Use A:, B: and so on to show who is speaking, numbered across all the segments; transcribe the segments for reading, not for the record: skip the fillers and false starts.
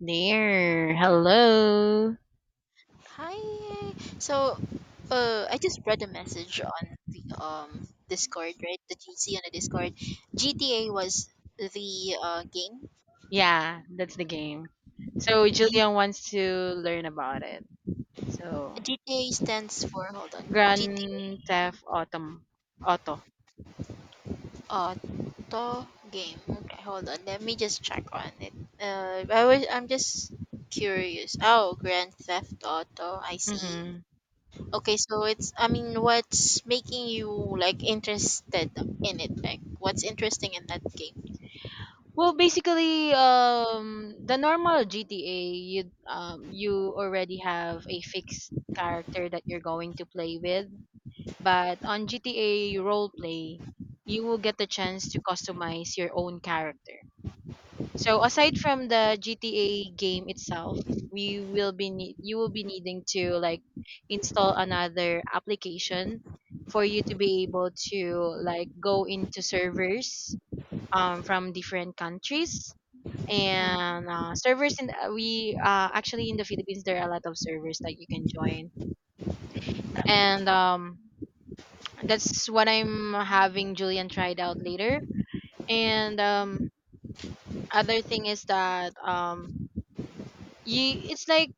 A: There. Hello.
B: Hi. So, I just read a message on the Discord, right? The GC on the Discord. GTA was the game.
A: Yeah, that's the game. So Julian wants to learn about it. So
B: GTA stands for, hold on. GTA
A: Grand Theft Auto. Auto.
B: auto game. Okay, hold on. Let me just check on it. I'm just curious. Oh, Grand Theft Auto. I see.
A: Hmm.
B: Okay, so it's I mean, what's making you like interested in it? Like, what's interesting in that game?
A: Well, basically, the normal GTA, you already have a fixed character that you're going to play with. But on GTA role play, you will get the chance to customize your own character. So aside from the GTA game itself, we will be need you will be needing to like install another application for you to be able to like go into servers, from different countries, and servers in, we actually, in the Philippines there are a lot of servers that you can join, and that's what I'm having Julian tried out later. And other thing is that, you it's like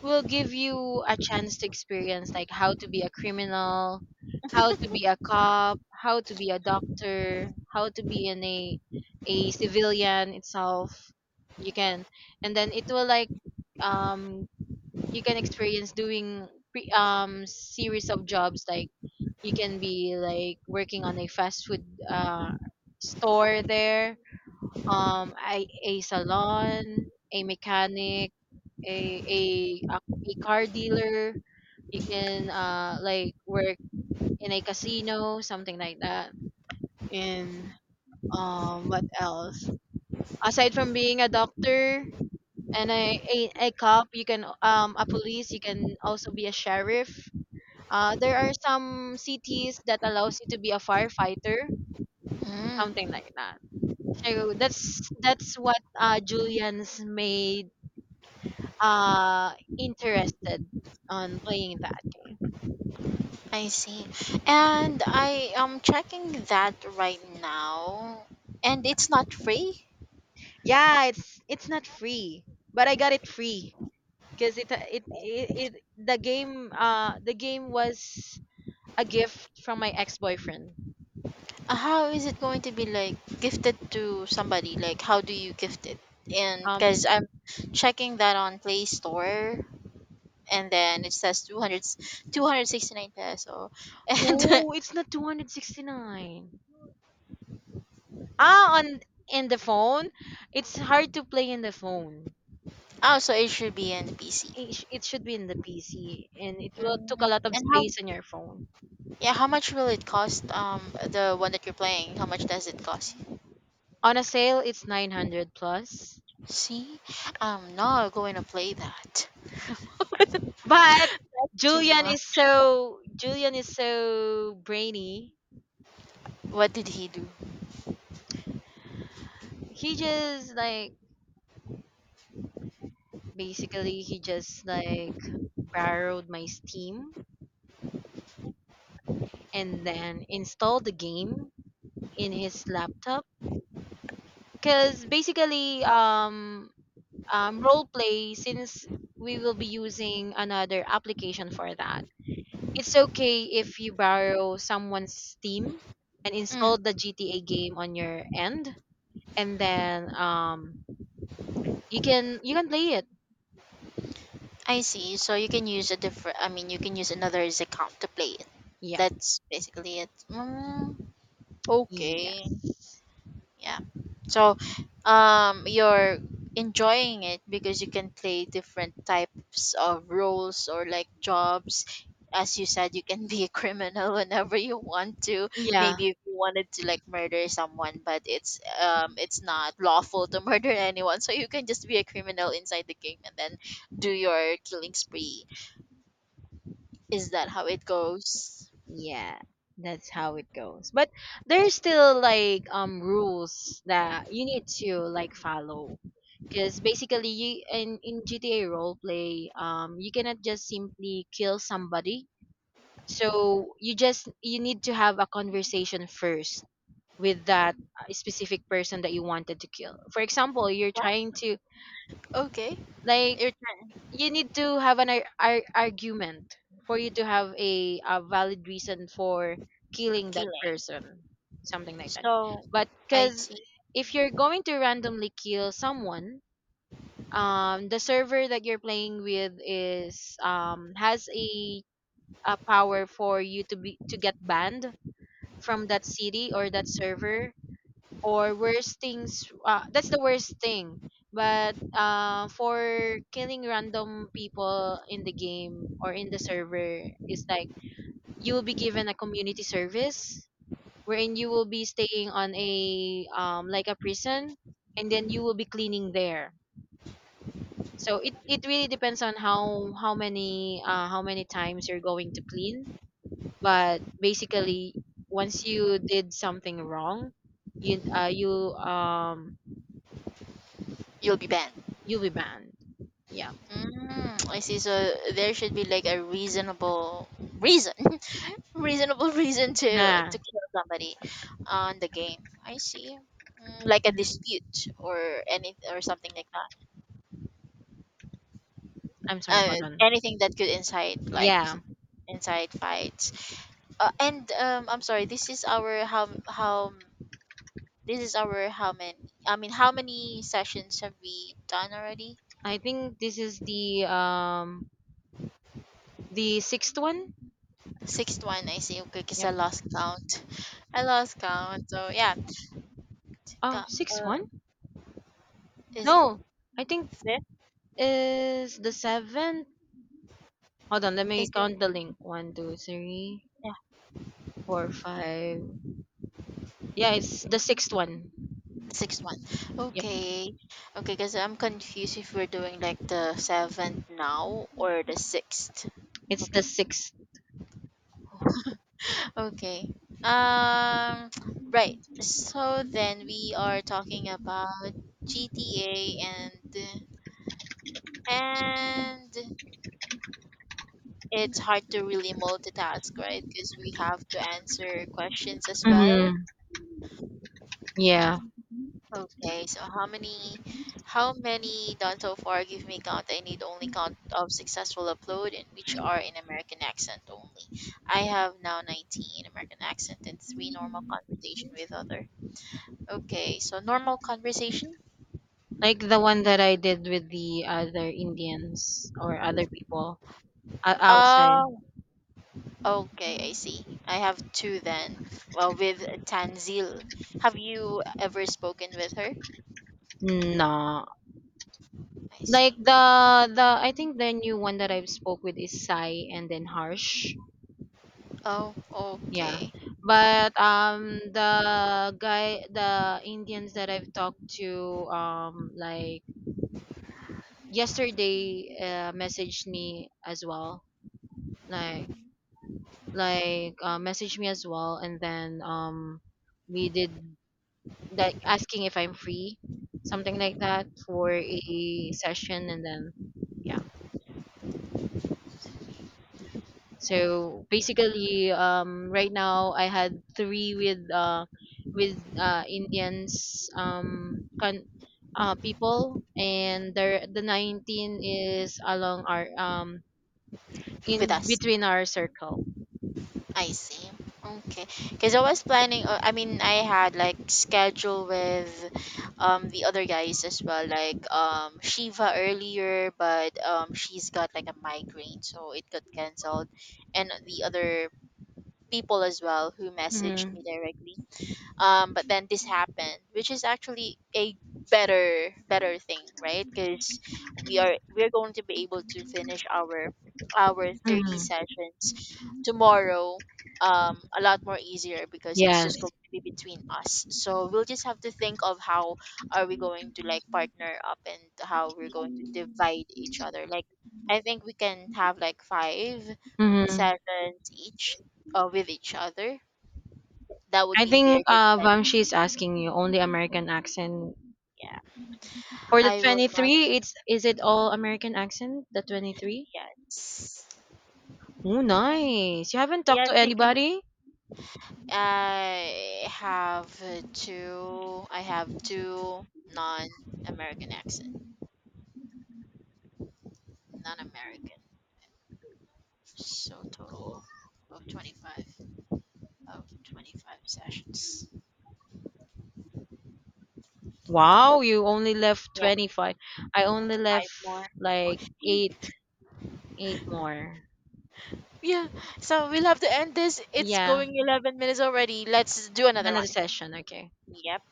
A: will give you a chance to experience like how to be a criminal, how to be a cop, how to be a doctor, how to be in a civilian itself. You can, and then it will like, um you can experience doing series of jobs like you can be like working on a fast food uh store there, a salon, a mechanic, a a a, a car dealer. You can like work in a casino, something like that. And, what else? Aside from being a doctor and a cop, you can, a police. You can also be a sheriff. There are some cities that allows you to be a firefighter,
B: Mm.
A: something like that. So that's what, Julian's made interested on playing that game.
B: I see. And I am checking that right now. And it's not free?
A: Yeah, it's not free, but I got it free because it the game was a gift from my ex-boyfriend.
B: How is it going to be like gifted to somebody? Like, how do you gift it? And
A: Um,
B: because I'm checking that on Play Store and then it says 200, 269 peso.
A: no, it's not 269. Ah, on In the phone, it's hard to play in the phone.
B: And oh, so it should be in the PC.
A: It should be in the PC, and it will took a
B: Mhm.
A: lot of
B: And how
A: space on your phone.
B: yeah, how much will it cost the one that you're playing? How much does it cost?
A: On a sale, it's 900 plus.
B: See? I'm not going to play that.
A: But
B: To your
A: Julian
B: mom.
A: is so Julian is so brainy.
B: What did he do?
A: He just like Basically, he just like borrowed my Steam and then installed the game in his laptop. Cause basically, role play, since we will be using another application for that. It's okay if you borrow someone's Steam and
B: Mm,
A: install the GTA game on your end, and then you can play it.
B: I see. So you can use a different. I mean, you can use another account to play it.
A: Yep.
B: That's basically it. Mm, okay.
A: Yes.
B: Yeah. So, you're enjoying it because you can play different types of roles or like jobs. As you said, you can be a criminal whenever you want to.
A: Yeah.
B: Maybe if you wanted to like murder someone, but it's not lawful to murder anyone, so you can just be a criminal inside the game and then do your killing spree. Is that how it goes?
A: Yeah, that's how it goes. But there's still like, rules that you need to like follow. Because basically, you in GTA roleplay, you cannot just simply kill somebody. So you need to have a conversation first with that, specific person that you wanted to kill. For example,
B: What? Okay,
A: like
B: you're trying
A: you need to have an argument for you to have a valid reason for killing that
B: killing.
A: person, something like that.
B: So
A: But
B: I
A: because
B: see.
A: if you're going to randomly kill someone, the server that you're playing with is has a power for you to get banned from that city or that server, or worst things, that's the worst thing. But, for killing random people in the game or in the server, it's like you will be given a community service, wherein you will be staying on a, like a prison, and then you will be cleaning there. So it really depends on how many times you're going to clean. But basically, once you did something wrong, you uh, you um
B: You'll be banned.
A: you'll be banned. Yeah.
B: Mm, I see. So there should be like a reasonable reason, reasonable reason to
A: Nah.
B: to kill somebody on the game. I see. Mm, like a
A: Mhm.
B: dispute or any or something like that.
A: I'm sorry.
B: Uh,
A: Hold on.
B: Anything that could
A: Yeah.
B: incite fights. And I'm sorry. This is our how many? I mean, how many sessions have we done already?
A: I think this is the sixth one.
B: Sixth one, I see. Okay, because
A: Yep.
B: I lost count. I lost count. So yeah,
A: Oh,
B: Ka-
A: sixth
B: uh,
A: one?
B: is
A: No. I think
B: fifth?
A: is the seventh. Hold on. Let me
B: Is it?
A: count the link. One, two, three,
B: Yeah,
A: four, five. Yeah, it's the sixth one.
B: sixth one.
A: Yep.
B: Okay, okay. Because I'm confused if we're doing like the seventh now or the sixth.
A: It's the
B: Okay,
A: 6th.
B: okay. Um, right. So then we are talking about GTA, and it's hard to really multitask, right? Because we have to answer questions as well.
A: Mm-hmm. Yeah.
B: Okay, so how many done so far? Give me count. I need only count of successful upload and which are in American accent only. I have now 19 in American accent and three normal conversation with other. Okay, so normal conversation?
A: Like the one that I did with the other Indians or other people outside.
B: Oh, okay, I see. I have two then. Well, with Tanzil. Have you ever spoken with her?
A: No.
B: I
A: Like,
B: see.
A: the I think the new one that I've spoke with is Sai and then Harsh.
B: Oh,
A: Yeah.
B: okay.
A: But, the Indians that I've talked to, like yesterday, messaged me as well. Like like, messaged me as well, and then we did, like, asking if I'm free, something like that, for a session, and then yeah. So basically, right now I had three with, Indians, people, and the 19 is along our
B: With
A: in
B: us.
A: between our circle.
B: I see. Okay. Because I was planning, I mean, I had like schedule with the other guys as well, like Shiva earlier, but she's got like a migraine, so it got canceled, and the other people as well who messaged me
A: Mm-hmm.
B: directly, but then this happened, which is actually a better thing, right? Because we're going to be able to finish our 30
A: Mm-hmm.
B: sessions tomorrow, a lot more easier, because it's just
A: Yes.
B: going to be between us, so we'll just have to think of how are we going to like partner up and how we're going to divide each other, like I think we can have like five
A: Mm-hmm.
B: sessions each, with each other. That would
A: I
B: be fair
A: think,
B: 'cause that,
A: Vamshi is asking you only American accent
B: yeah.
A: for the
B: I will
A: twenty
B: not.
A: three. It's Is it all American accent? The 23.
B: Yes.
A: Oh, nice. You haven't talked
B: Yes,
A: to
B: because
A: anybody.
B: I have two. I have two non-American accent, non-American. So total of 25 of 25 sessions.
A: Wow, you only left
B: Yeah,
A: 25. I only left
B: five more.
A: like
B: Okay.
A: eight, more.
B: Yeah. So we'll have to end this. It's
A: Yeah,
B: going 11 minutes already. Let's do another
A: another
B: one.
A: session. Okay.
B: Yep.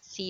A: See you.